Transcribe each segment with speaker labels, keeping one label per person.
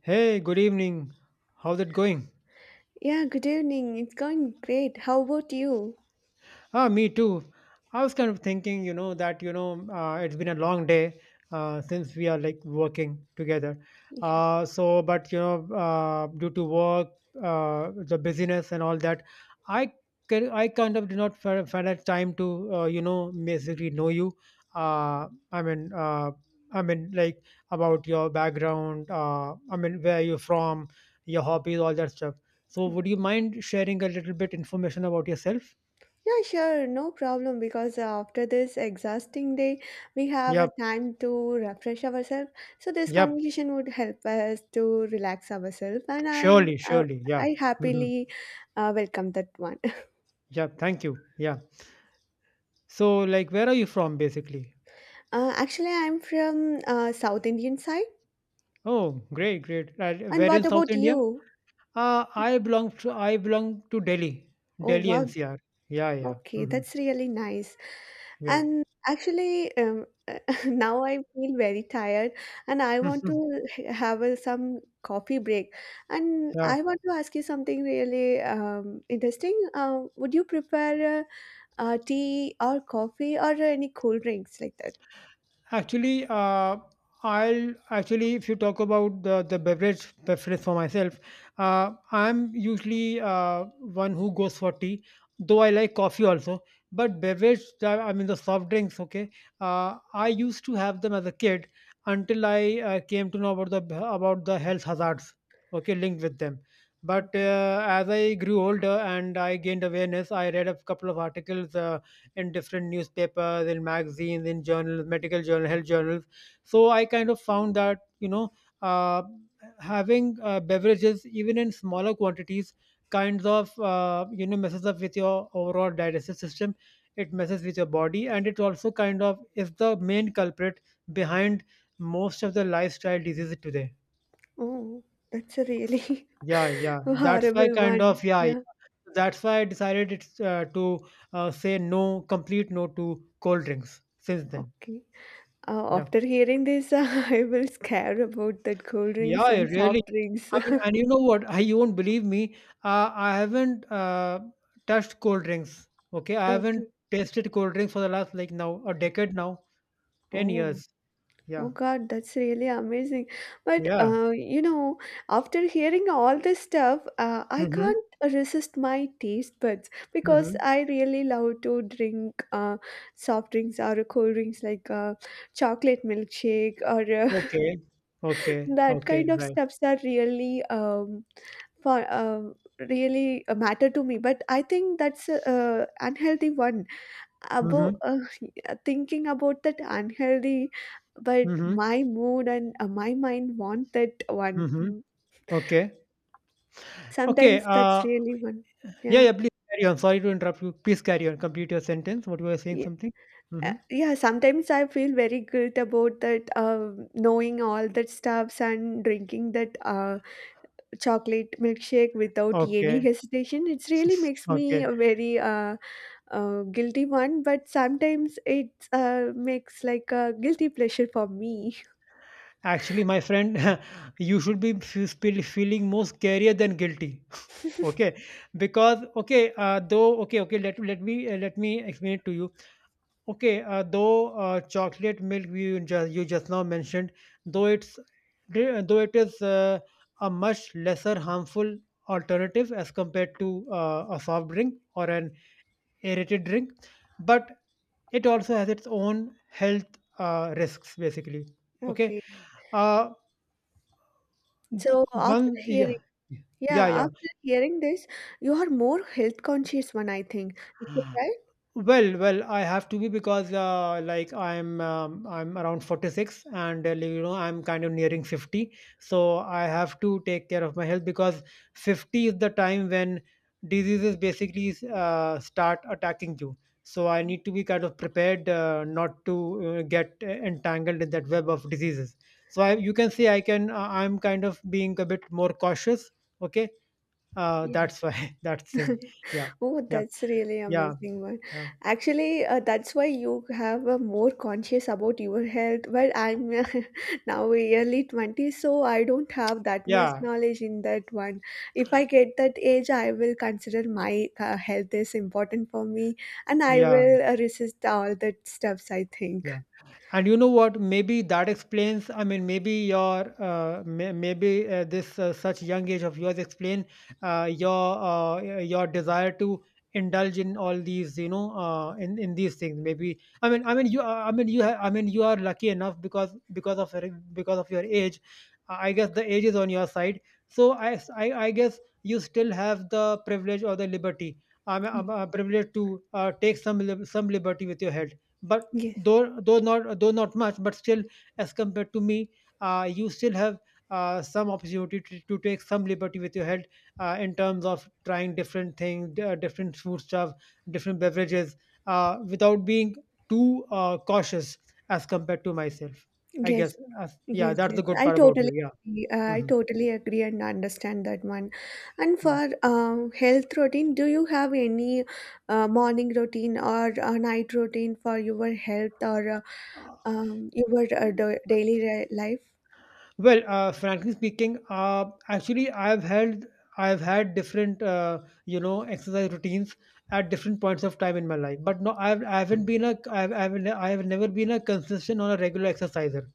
Speaker 1: Hey, good evening. How's it going?
Speaker 2: Yeah, good evening. It's going great. How about you?
Speaker 1: Ah, me too. I was kind of thinking, it's been a long day since we are like working together. Due to work, the busyness and all that, I I kind of did not find a time to, basically know you. Uh, I mean, uh, I mean, like about your background, where you're from, your hobbies, all that stuff. So, would you mind sharing a little bit information about yourself?
Speaker 2: Yeah, sure, no problem because after this exhausting day, we have
Speaker 1: Yeah.
Speaker 2: a time to refresh ourselves. So this
Speaker 1: Yep,
Speaker 2: conversation would help us to relax ourselves, and
Speaker 1: surely, surely. Yeah.
Speaker 2: I
Speaker 1: Hmm.
Speaker 2: happily welcome that one.
Speaker 1: Yeah, thank you. Yeah. So, like, where are you from, basically?
Speaker 2: Actually, I'm from South Indian side.
Speaker 1: Oh, great, great.
Speaker 2: And
Speaker 1: Where in
Speaker 2: what
Speaker 1: South
Speaker 2: about
Speaker 1: India?
Speaker 2: you?
Speaker 1: I belong to Delhi,
Speaker 2: Oh
Speaker 1: Delhi
Speaker 2: wow,
Speaker 1: NCR. Yeah, yeah.
Speaker 2: okay,
Speaker 1: Hmm.
Speaker 2: that's really nice.
Speaker 1: Right.
Speaker 2: And actually, now I feel very tired and I want to have some coffee break. And
Speaker 1: Yeah.
Speaker 2: I want to ask you something really interesting. Would you prefer tea or coffee or any cool drinks like that?
Speaker 1: Actually, if you talk about the beverage preference for myself, I'm usually one who goes for tea, though I like coffee also. But beverage, I mean the soft drinks, okay. I used to have them as a kid until I came to know about the health hazards, okay, linked with them. But
Speaker 2: Okay.
Speaker 1: as I grew older and I gained awareness, I read a couple of articles. In different newspapers, in magazines, in journals, medical journal, health journals. So I kind of found that, you know, uh, having beverages even in smaller quantities kinds of, you know, messes up with your overall digestive system. It messes with your body, and it also kind of is the main culprit behind most of the lifestyle diseases today.
Speaker 2: Oh, that's a really
Speaker 1: Yeah, yeah. That's why
Speaker 2: horrible
Speaker 1: kind of
Speaker 2: one.
Speaker 1: yeah. Yeah.
Speaker 2: Yeah.
Speaker 1: That's why I decided it's to say no, complete no to cold drinks since then.
Speaker 2: Okay.
Speaker 1: Yeah.
Speaker 2: After hearing this, I will scare about that cold
Speaker 1: Yeah,
Speaker 2: drinks
Speaker 1: I
Speaker 2: and
Speaker 1: really.
Speaker 2: soft drinks.
Speaker 1: I mean, and you know what? You won't believe me. I haven't touched cold drinks. Okay. I haven't
Speaker 2: Okay.
Speaker 1: tasted cold drinks for the last, like, now a decade now, 10
Speaker 2: Oh.
Speaker 1: years.
Speaker 2: Oh
Speaker 1: Yeah.
Speaker 2: God, that's really amazing. But
Speaker 1: Yeah.
Speaker 2: after hearing all this stuff, I
Speaker 1: Mm-hmm.
Speaker 2: can't resist my taste buds because
Speaker 1: Mm-hmm.
Speaker 2: I really love to drink soft drinks or cold drinks like chocolate milkshake or
Speaker 1: Okay. Okay.
Speaker 2: that
Speaker 1: Okay.
Speaker 2: kind of
Speaker 1: Right.
Speaker 2: stuffs are really for really matter to me. But I think that's unhealthy one about
Speaker 1: Mm-hmm.
Speaker 2: thinking about that unhealthy, but
Speaker 1: Mm-hmm.
Speaker 2: my mood and my mind want that one.
Speaker 1: Mm-hmm.
Speaker 2: Mm.
Speaker 1: Okay. Okay.
Speaker 2: Sometimes that's really one.
Speaker 1: Yeah.
Speaker 2: Yeah.
Speaker 1: Yeah. Please carry on. Sorry to interrupt you. Please carry on. Complete your sentence. What you were saying,
Speaker 2: Yeah,
Speaker 1: something? Mm-hmm.
Speaker 2: yeah, sometimes I feel very guilt about that, knowing all that stuffs and drinking that chocolate milkshake without any
Speaker 1: Okay.
Speaker 2: hesitation. It really makes me
Speaker 1: Okay.
Speaker 2: a very guilty one, but sometimes it makes like a guilty pleasure for me.
Speaker 1: Actually, my friend, you should be feeling more scarier than guilty. Okay, because okay, let me let me explain it to you. Okay, though chocolate milk you just now mentioned, though it's though it is a much lesser harmful alternative as compared to a soft drink or an aerated drink, but it also has its own health risks basically. Okay.
Speaker 2: Okay.
Speaker 1: uh, The
Speaker 2: So
Speaker 1: one yeah. Yeah,
Speaker 2: yeah,
Speaker 1: yeah.
Speaker 2: after hearing this, you are more health conscious one, I think. Is that right?
Speaker 1: Well, well, I have to be because like I'm around 46 and you know I'm kind of nearing 50. So I have to take care of my health because 50 is the time when diseases basically start attacking you. So I need to be kind of prepared not to get entangled in that web of diseases. So
Speaker 2: Oh,
Speaker 1: you can see I'm kind of being a bit more cautious, okay.
Speaker 2: yeah.
Speaker 1: That's why that thing. Yeah,
Speaker 2: Oh,
Speaker 1: yeah,
Speaker 2: that's really
Speaker 1: yeah,
Speaker 2: amazing one.
Speaker 1: yeah,
Speaker 2: Actually, that's why you have a more conscious about your health. But I'm now early 20, so I don't have that much
Speaker 1: yeah,
Speaker 2: knowledge in that one. If I get that age, I will consider my health is important for me, and I
Speaker 1: yeah,
Speaker 2: will resist all that stuffs, I think.
Speaker 1: yeah. And you know what, maybe that explains, maybe your, maybe this, such young age of yours explain your, your desire to indulge in all these, you know, in these things, maybe. I mean I mean you ha- I mean you are lucky enough because because of your age. I guess the age is on your side. So I guess you still have the privilege or the liberty. I'm privileged to take some liberty with your head, but
Speaker 2: Yes,
Speaker 1: though not much, but still, as compared to me, you still have some opportunity to take some liberty with your health, in terms of trying different things, different food stuff, different beverages, without being too cautious as compared to myself.
Speaker 2: yes.
Speaker 1: Yeah,
Speaker 2: Yes,
Speaker 1: that's the
Speaker 2: yes,
Speaker 1: good
Speaker 2: I
Speaker 1: part about
Speaker 2: totally
Speaker 1: you. Yeah.
Speaker 2: agree. I
Speaker 1: Mhm.
Speaker 2: totally agree and understand that one. And for health routine, do you have any morning routine or a night routine for your health or
Speaker 1: Mm.
Speaker 2: your daily life?
Speaker 1: Well, frankly speaking, actually, I've had different, you know, exercise routines at different points of time in my life. But no, I have never been a consistent or a regular exerciser.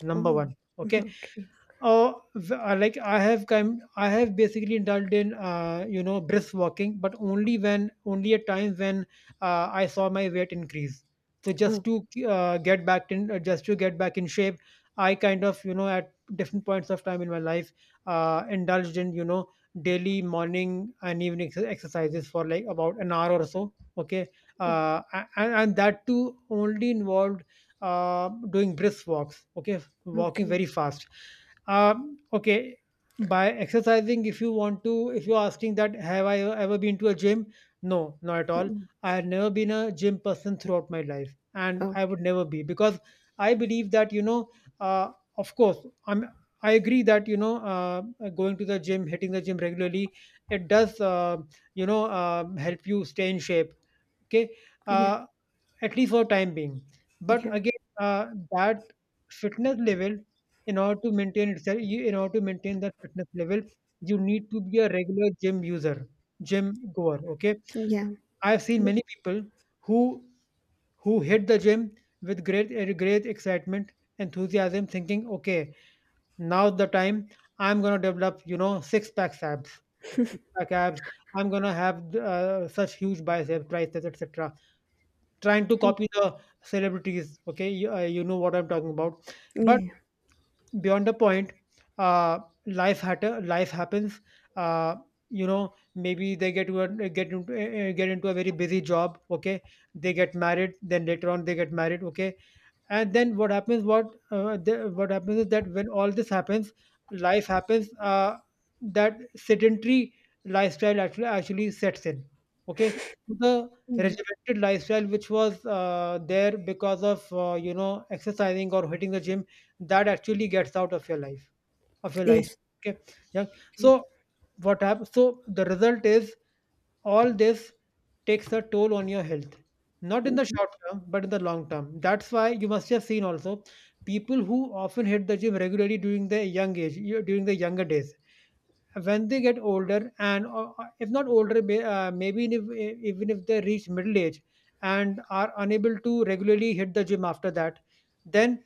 Speaker 1: Number
Speaker 2: Oh,
Speaker 1: one, okay.
Speaker 2: okay.
Speaker 1: Like I have basically indulged in, you know, brisk walking, but only at times when I saw my weight increase. So just
Speaker 2: Oh,
Speaker 1: to get back in, just to get back in shape, I kind of, you know, at different points of time in my life, indulged in, you know, daily morning and evening exercises for like about an hour or so. Okay,
Speaker 2: oh,
Speaker 1: and that too only involved doing brisk walks. Okay, walking
Speaker 2: okay.
Speaker 1: very fast. Okay, by exercising, if you want to, if you're asking that have I ever been to a gym, no, not at all.
Speaker 2: Mm.
Speaker 1: I have never been a gym person throughout my life, and
Speaker 2: Oh,
Speaker 1: I would never be because I believe that, you know, uh, of course, i'm I agree that, you know, going to the gym, hitting the gym regularly, it does, you know, help you stay in shape, okay,
Speaker 2: yeah,
Speaker 1: uh, at least for time being. But
Speaker 2: yeah,
Speaker 1: again, that fitness level, in order to maintain itself, in order to maintain that fitness level, you need to be a regular gym user, gym goer. Okay,
Speaker 2: yeah,
Speaker 1: I've seen
Speaker 2: yeah,
Speaker 1: many people who who hit the gym with great great excitement, enthusiasm, thinking, okay, now's the time. I'm gonna develop, you know, six pack abs, six pack abs. I'm gonna have such huge biceps, triceps, etc, trying to copy the celebrities. Okay, you know what I'm talking about. But
Speaker 2: yeah,
Speaker 1: beyond the point, uh life happens. uh you know, maybe they get to a, get into, get into a very busy job, okay. They get married, then later on they get married, okay. And then what happens is that when all this happens, life happens, that sedentary lifestyle actually sets in, okay. So the
Speaker 2: yeah.
Speaker 1: regimented lifestyle, which was there because of, you know, exercising or hitting the gym, that actually gets out of your life of your life
Speaker 2: Yes.
Speaker 1: okay, yeah.
Speaker 2: Okay.
Speaker 1: So what happens so the result is, all this takes a toll on your health, not in the short term, but in the long term. That's why you must have seen also people who often hit the gym regularly during their young age, during their younger days. When they get older, or if not older, maybe even if, even if they reach middle age and are unable to regularly hit the gym after that, then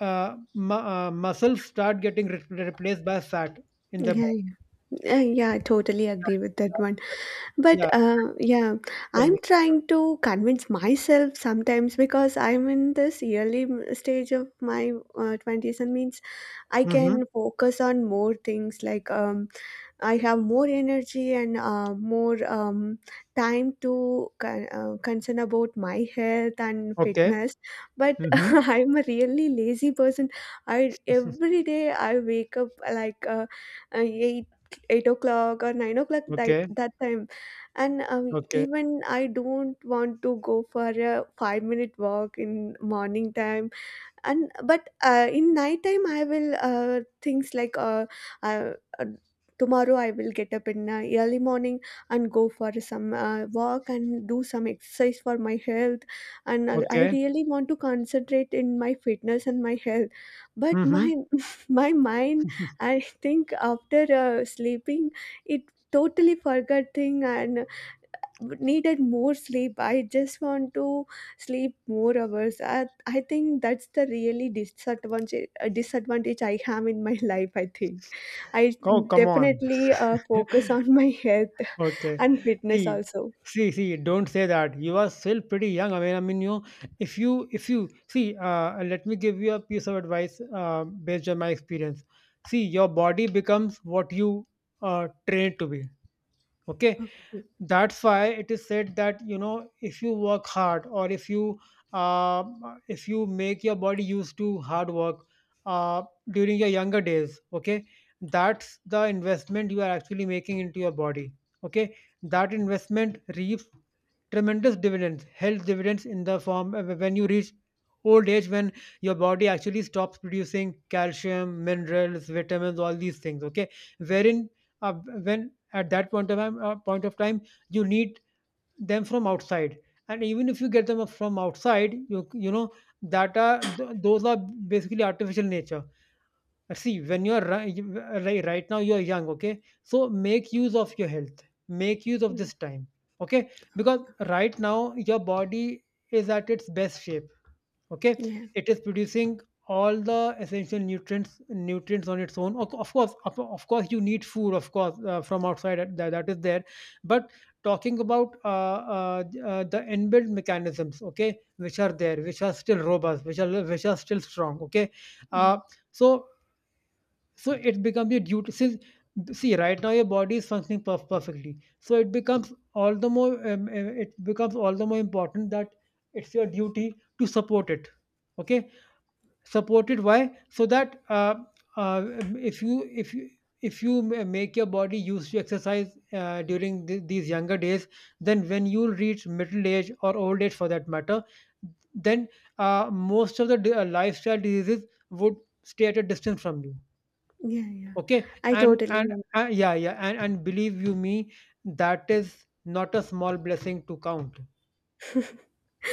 Speaker 1: muscles start getting replaced by fat in the
Speaker 2: Yeah,
Speaker 1: body.
Speaker 2: yeah. Yeah, I totally agree with that one. But
Speaker 1: Yeah,
Speaker 2: yeah,
Speaker 1: tell
Speaker 2: I'm
Speaker 1: me.
Speaker 2: trying to convince myself sometimes because I'm in this early stage of my 20s and means I
Speaker 1: Mm-hmm.
Speaker 2: can focus on more things like I have more energy and more time to concern about my health and
Speaker 1: Okay.
Speaker 2: fitness. But
Speaker 1: Mm-hmm.
Speaker 2: I'm a really lazy person. I Every day I wake up like uh, eight eight o'clock or 9 o'clock, that
Speaker 1: Okay,
Speaker 2: that time. And
Speaker 1: okay,
Speaker 2: even I don't want to go for a 5-minute walk in morning time. And but in night time I will things like uh, uh, tomorrow I will get up in early morning and go for some walk and do some exercise for my health. And I
Speaker 1: okay.
Speaker 2: really want to concentrate in my fitness and my health. But my
Speaker 1: Mm-hmm.
Speaker 2: my mind, I think after sleeping, it totally forgot thing and needed more sleep. I just want to sleep more hours. I think that's the really disadvantage disadvantage I have in my life. I think I
Speaker 1: Oh, come on.
Speaker 2: definitely focus on my health
Speaker 1: Okay.
Speaker 2: and fitness
Speaker 1: See,
Speaker 2: also.
Speaker 1: See, don't say that. You are still pretty young. If you, see, let me give you a piece of advice based on my experience. See, your body becomes what you train to be. Okay.
Speaker 2: Okay.
Speaker 1: That's why it is said that, you know, if you work hard, or if you, uh, if you make your body used to hard work, uh, during your younger days, okay, that's the investment you are actually making into your body, okay. That investment reaps tremendous dividends, health dividends, in the form, when you reach old age, when your body actually stops producing calcium, minerals, vitamins, all these things. Okay, wherein, uh, when at that point of time, you need them from outside, and even if you get them from outside, you know that those are basically artificial nature. See, when you're right now, you're young, okay? So make use of your health, make use of
Speaker 2: Mm.
Speaker 1: this time, okay? Because right now your body is at its best shape, okay?
Speaker 2: Yeah,
Speaker 1: It is producing all the essential nutrients on its own. Of course, you need food, of course, from outside, that is there. But talking about, the inbuilt mechanisms, okay, which are there, which are still robust, which are still strong, okay.
Speaker 2: yeah,
Speaker 1: Uh, so so it becomes your duty since see right now your body is functioning perfectly, so it becomes all the more it becomes all the more important that it's your duty to support it. Okay, support it why? So that if you if you make your body used to exercise during these younger days, then when you reach middle age or old age for that matter, then most of the lifestyle diseases would stay at a distance from you.
Speaker 2: yeah, yeah.
Speaker 1: Okay,
Speaker 2: I
Speaker 1: and
Speaker 2: totally
Speaker 1: and uh, yeah, yeah, and believe you me, that is not a small blessing to count.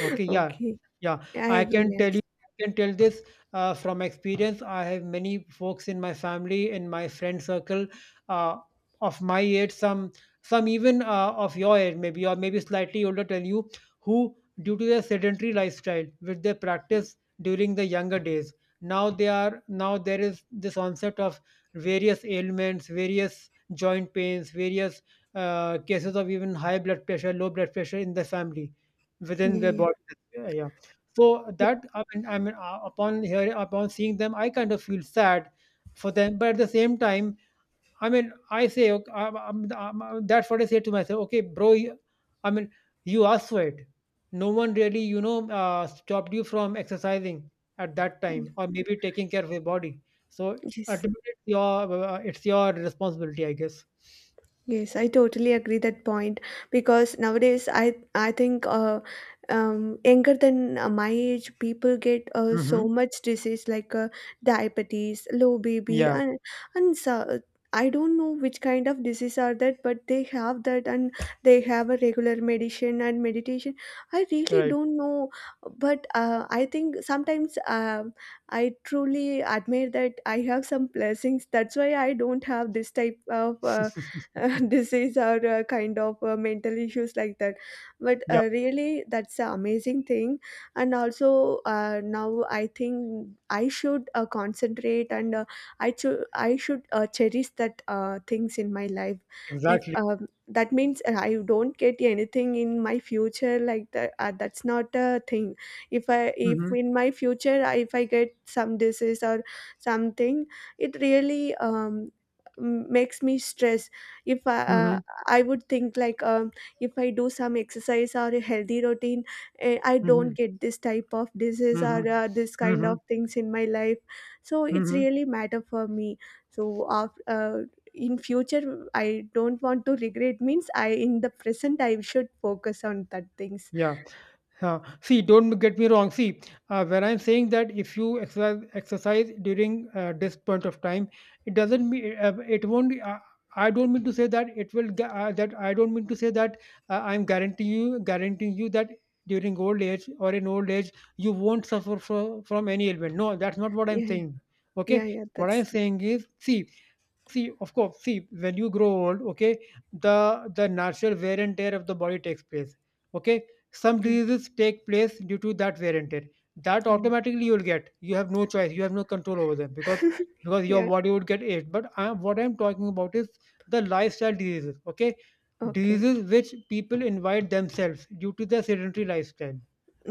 Speaker 1: Okay, yeah,
Speaker 2: okay,
Speaker 1: yeah.
Speaker 2: I
Speaker 1: I can
Speaker 2: really
Speaker 1: tell you,
Speaker 2: understand.
Speaker 1: I can tell this from experience. I have many folks in my family, in my friend circle, uh, of my age, some even of your age, maybe or maybe slightly older than you, who, due to their sedentary lifestyle, which they practice during the younger days, now they are now there is this onset of various ailments, various joint pains, various cases of even high blood pressure, low blood pressure in the family within
Speaker 2: Yeah,
Speaker 1: their
Speaker 2: yeah,
Speaker 1: body. Yeah, yeah. So that I mean, upon upon seeing them, I kind of feel sad for them. But at the same time, I mean, I say, okay, that's what I say to myself. Okay, bro, I mean, you asked for it. No one really, stopped you from exercising at that
Speaker 2: yeah.
Speaker 1: time, or maybe taking care of your body. So
Speaker 2: Yes.
Speaker 1: ultimately, it's your responsibility, I guess.
Speaker 2: Yes, I totally agree that point because nowadays I think younger than my age people get
Speaker 1: Mm-hmm.
Speaker 2: so much disease like diabetes, low BB,
Speaker 1: Yeah.
Speaker 2: and so, I don't know which kind of disease are that, but they have that and they have a regular medicine and meditation. I really
Speaker 1: Right.
Speaker 2: don't know, but I think sometimes I truly admire that I have some blessings. That's why I don't have this type of. Disease or kind of mental issues like that, but
Speaker 1: Yep.
Speaker 2: really that's an amazing thing. And also now I think I should concentrate and I should cherish that things in my life. If
Speaker 1: Exactly.
Speaker 2: that means I don't get anything in my future like that, that's not a thing. If
Speaker 1: Mm-hmm.
Speaker 2: in my future if I get some disease or something, it really makes me stress. If I
Speaker 1: Mm-hmm.
Speaker 2: I would think like if I do some exercise or a healthy routine, eh, I
Speaker 1: Mhm,
Speaker 2: don't get this type of disease or
Speaker 1: mhm,
Speaker 2: this kind of
Speaker 1: mhm,
Speaker 2: things in my life. So it's
Speaker 1: mhm.
Speaker 2: really matter for me. So uh, uh, in future, I don't want to regret means I in the present I should focus on that things.
Speaker 1: Yeah. See, don't get me wrong. See, when I'm saying that if you exercise, exercise during this point of time, it doesn't mean it won't. I don't mean to say that it will. Gu- that I don't mean to say that I'm guaranteeing you that during old age or in old age you won't suffer from any ailment. No, that's not what I'm
Speaker 2: Yeah, yeah,
Speaker 1: saying.
Speaker 2: yeah,
Speaker 1: Okay,
Speaker 2: yeah,
Speaker 1: what
Speaker 2: that's
Speaker 1: I'm
Speaker 2: true.
Speaker 1: saying is, see, see of course, see, when you grow old, okay, the natural wear and tear of the body takes place. Okay, some
Speaker 2: Yeah,
Speaker 1: diseases take place due to that wear and tear. That
Speaker 2: yeah,
Speaker 1: automatically you'll get, you have no choice, you have no control over them, because your
Speaker 2: yeah,
Speaker 1: body would get aged. But what I'm talking about is the lifestyle diseases, okay,
Speaker 2: okay,
Speaker 1: diseases which people invite themselves due to their sedentary lifestyle.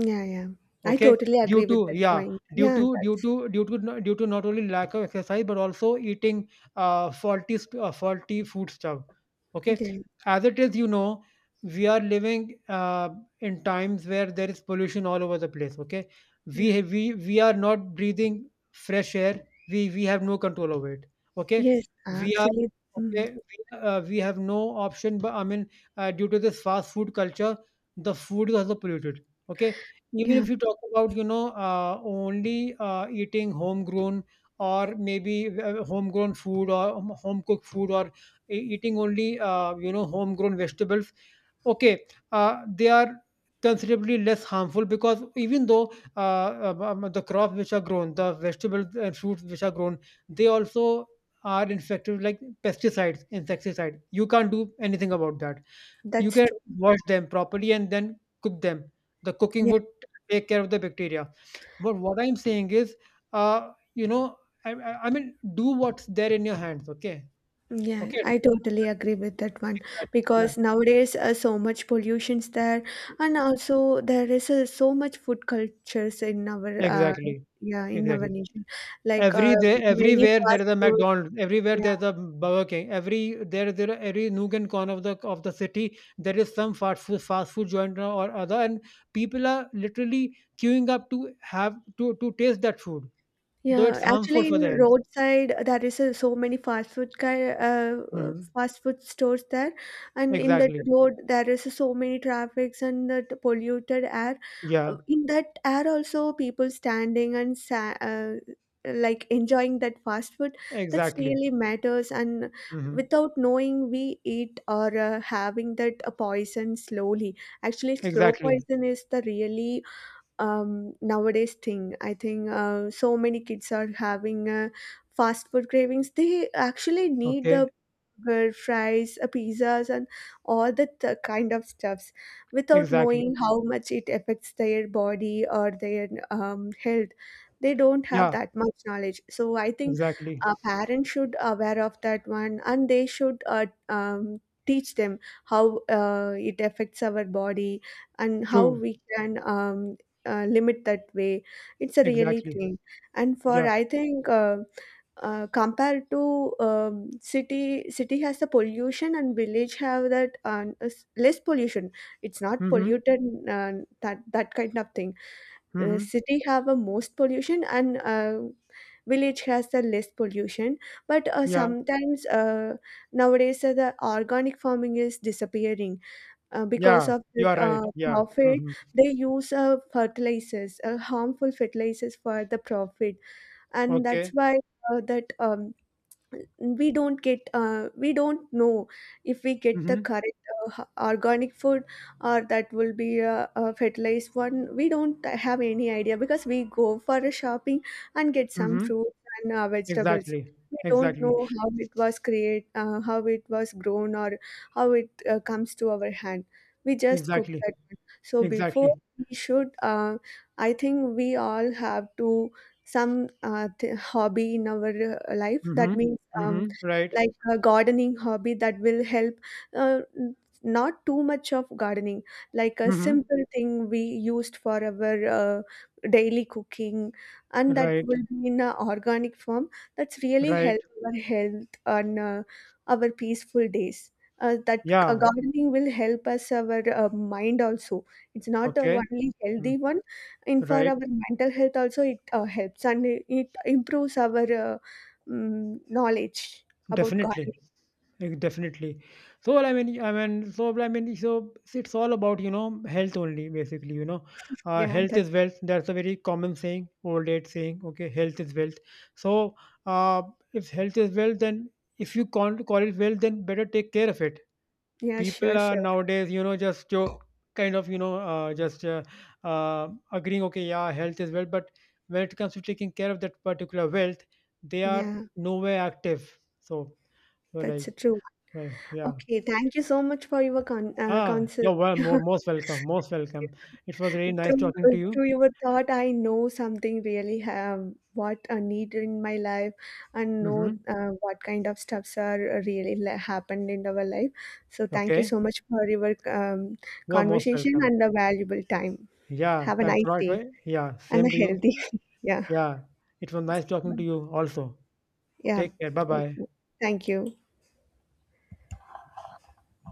Speaker 2: yeah, yeah, I
Speaker 1: Okay?
Speaker 2: totally
Speaker 1: Due
Speaker 2: agree with
Speaker 1: to
Speaker 2: that
Speaker 1: yeah,
Speaker 2: point.
Speaker 1: due
Speaker 2: Yeah,
Speaker 1: to due
Speaker 2: that's
Speaker 1: to due to no- due to not only lack of exercise, but also eating faulty food stuff. Okay?
Speaker 2: yeah,
Speaker 1: As it is, you know, we are living in times where there is pollution all over the place. Okay? We
Speaker 2: yeah,
Speaker 1: ha- we are not breathing fresh air. We have no control over it. Okay?
Speaker 2: yes,
Speaker 1: We are
Speaker 2: actually, mm.
Speaker 1: okay. We have no option. But I mean, due to this fast food culture, the food is also polluted. Okay, even
Speaker 2: Yeah.
Speaker 1: if you talk about, you know, only eating homegrown or maybe homegrown food or home cooked food or eating only, you know, homegrown vegetables, okay, they are considerably less harmful, because even though the crops which are grown, the vegetables and fruits which are grown, they also are infected with, like, pesticides, insecticides. You can't do anything about that. You
Speaker 2: That's
Speaker 1: can
Speaker 2: true.
Speaker 1: wash them properly and then cook them. The cooking
Speaker 2: Yeah,
Speaker 1: would take care of the bacteria. But what I'm saying is, you know, I mean, do what's there in your hands. Okay,
Speaker 2: yeah,
Speaker 1: okay.
Speaker 2: I totally agree with that one because
Speaker 1: Exactly.
Speaker 2: nowadays so much pollution's there, and also there is so much food cultures in our
Speaker 1: Exactly.
Speaker 2: yeah in our
Speaker 1: Exactly.
Speaker 2: nation, like
Speaker 1: Every day,
Speaker 2: many
Speaker 1: everywhere there
Speaker 2: fast
Speaker 1: is a
Speaker 2: food.
Speaker 1: McDonald's. Everywhere
Speaker 2: Yeah,
Speaker 1: there's a Burger King. Every nook and corner of the city, there is some fast food joint or other, and people are literally queuing up to have to taste that food. Though
Speaker 2: yeah,
Speaker 1: it's harmful
Speaker 2: actually,
Speaker 1: for
Speaker 2: in
Speaker 1: the health.
Speaker 2: roadside there is so many fast food guy,
Speaker 1: Mhm.
Speaker 2: fast food stores there, and in that
Speaker 1: Exactly.
Speaker 2: road there is so many traffics and that polluted air.
Speaker 1: Yeah,
Speaker 2: In that air also, people standing and sa like enjoying that fast food. That's
Speaker 1: exactly.
Speaker 2: really matters, and
Speaker 1: Mhm.
Speaker 2: without knowing, we eat or having that poison slowly. Actually, slow
Speaker 1: Exactly.
Speaker 2: poison is the really nowadays thing. I think so many kids are having fast food cravings. They actually need
Speaker 1: Okay.
Speaker 2: the burger, fries, pizzas, and all that kind of stuffs without
Speaker 1: Exactly.
Speaker 2: knowing how much it affects their body or their health. They don't have
Speaker 1: Yeah,
Speaker 2: that much knowledge. So I think
Speaker 1: exactly.
Speaker 2: parents should aware of that one, and they should teach them how it affects our body and how
Speaker 1: True.
Speaker 2: we can limit that way. It's a really
Speaker 1: Exactly.
Speaker 2: thing. And for
Speaker 1: Yeah.
Speaker 2: I think compared to city has the pollution and village have that less pollution. It's not
Speaker 1: Mhm.
Speaker 2: polluted, uh, that kind of thing.
Speaker 1: Mhm.
Speaker 2: City have a most pollution and village has the less pollution. But
Speaker 1: Yeah.
Speaker 2: sometimes nowadays the organic farming is disappearing because
Speaker 1: Yeah.
Speaker 2: of
Speaker 1: You
Speaker 2: that
Speaker 1: are right. Yeah.
Speaker 2: profit.
Speaker 1: Mhm.
Speaker 2: They use fertilizers, harmful fertilizers for the profit, and that's
Speaker 1: Okay.
Speaker 2: why that we don't get we don't know if we get the
Speaker 1: Mhm.
Speaker 2: correct organic food or that will be a fertilized one. We don't have any idea because we go for a shopping and get some
Speaker 1: Mhm.
Speaker 2: fruits and vegetables.
Speaker 1: Exactly.
Speaker 2: We don't
Speaker 1: Exactly.
Speaker 2: know how it was create how it was grown or how it comes to our hand. We just cook
Speaker 1: Exactly.
Speaker 2: that one. So before
Speaker 1: Exactly.
Speaker 2: we should I think we all have to some hobby in our life, that
Speaker 1: Mhm.
Speaker 2: means um,
Speaker 1: Mhm. Right.
Speaker 2: like a gardening hobby that will help uh, n- not too much of gardening, like a
Speaker 1: Mhm.
Speaker 2: simple thing we used for our daily cooking, and that
Speaker 1: Right.
Speaker 2: will be in an organic form. That's really
Speaker 1: Right.
Speaker 2: help our health and our peaceful days. That
Speaker 1: Yeah.
Speaker 2: gardening will help us our mind also. It's not a
Speaker 1: Okay.
Speaker 2: only
Speaker 1: Mm.
Speaker 2: healthy one, and for
Speaker 1: Right.
Speaker 2: our mental health also it helps, and it improves our knowledge about God.
Speaker 1: Definitely. Like, definitely. So well, so it's all about, you know, health only, basically. You know,
Speaker 2: Yeah,
Speaker 1: health
Speaker 2: that.
Speaker 1: is wealth. That's a very common saying, old age saying. Okay, health is wealth. So uh, if health is wealth, then if you can't call it wealth, then better take care of it.
Speaker 2: Yeah,
Speaker 1: People
Speaker 2: sure,
Speaker 1: are
Speaker 2: sure.
Speaker 1: nowadays, you know, just jo- kind of you know just agreeing. Okay, yeah, health is wealth, but when it comes to taking care of that particular wealth, they are
Speaker 2: Yeah,
Speaker 1: nowhere active. So, so like,
Speaker 2: that's true.
Speaker 1: right, yeah.
Speaker 2: Okay, thank you so much for your con
Speaker 1: Ah,
Speaker 2: counsel.
Speaker 1: you're well. Mo Most welcome, most
Speaker 2: Yeah.
Speaker 1: welcome. It was really nice
Speaker 2: Through,
Speaker 1: talking to you.
Speaker 2: Through your thought, I know something really have what I need in my life and know
Speaker 1: Mhm.
Speaker 2: what kind of stuffs are really happened in our life. So thank you
Speaker 1: Okay.
Speaker 2: so much for your
Speaker 1: You're most
Speaker 2: conversation
Speaker 1: welcome.
Speaker 2: and the valuable time.
Speaker 1: Yeah,
Speaker 2: Have a
Speaker 1: thanks a
Speaker 2: nice
Speaker 1: lot.
Speaker 2: day
Speaker 1: Right? Yeah,
Speaker 2: and a
Speaker 1: same to you.
Speaker 2: healthy. Yeah.
Speaker 1: Yeah, it was nice talking to
Speaker 2: Bye.
Speaker 1: you also.
Speaker 2: Yeah.
Speaker 1: Take care. Bye
Speaker 2: Thank
Speaker 1: bye.
Speaker 2: you. Thank you.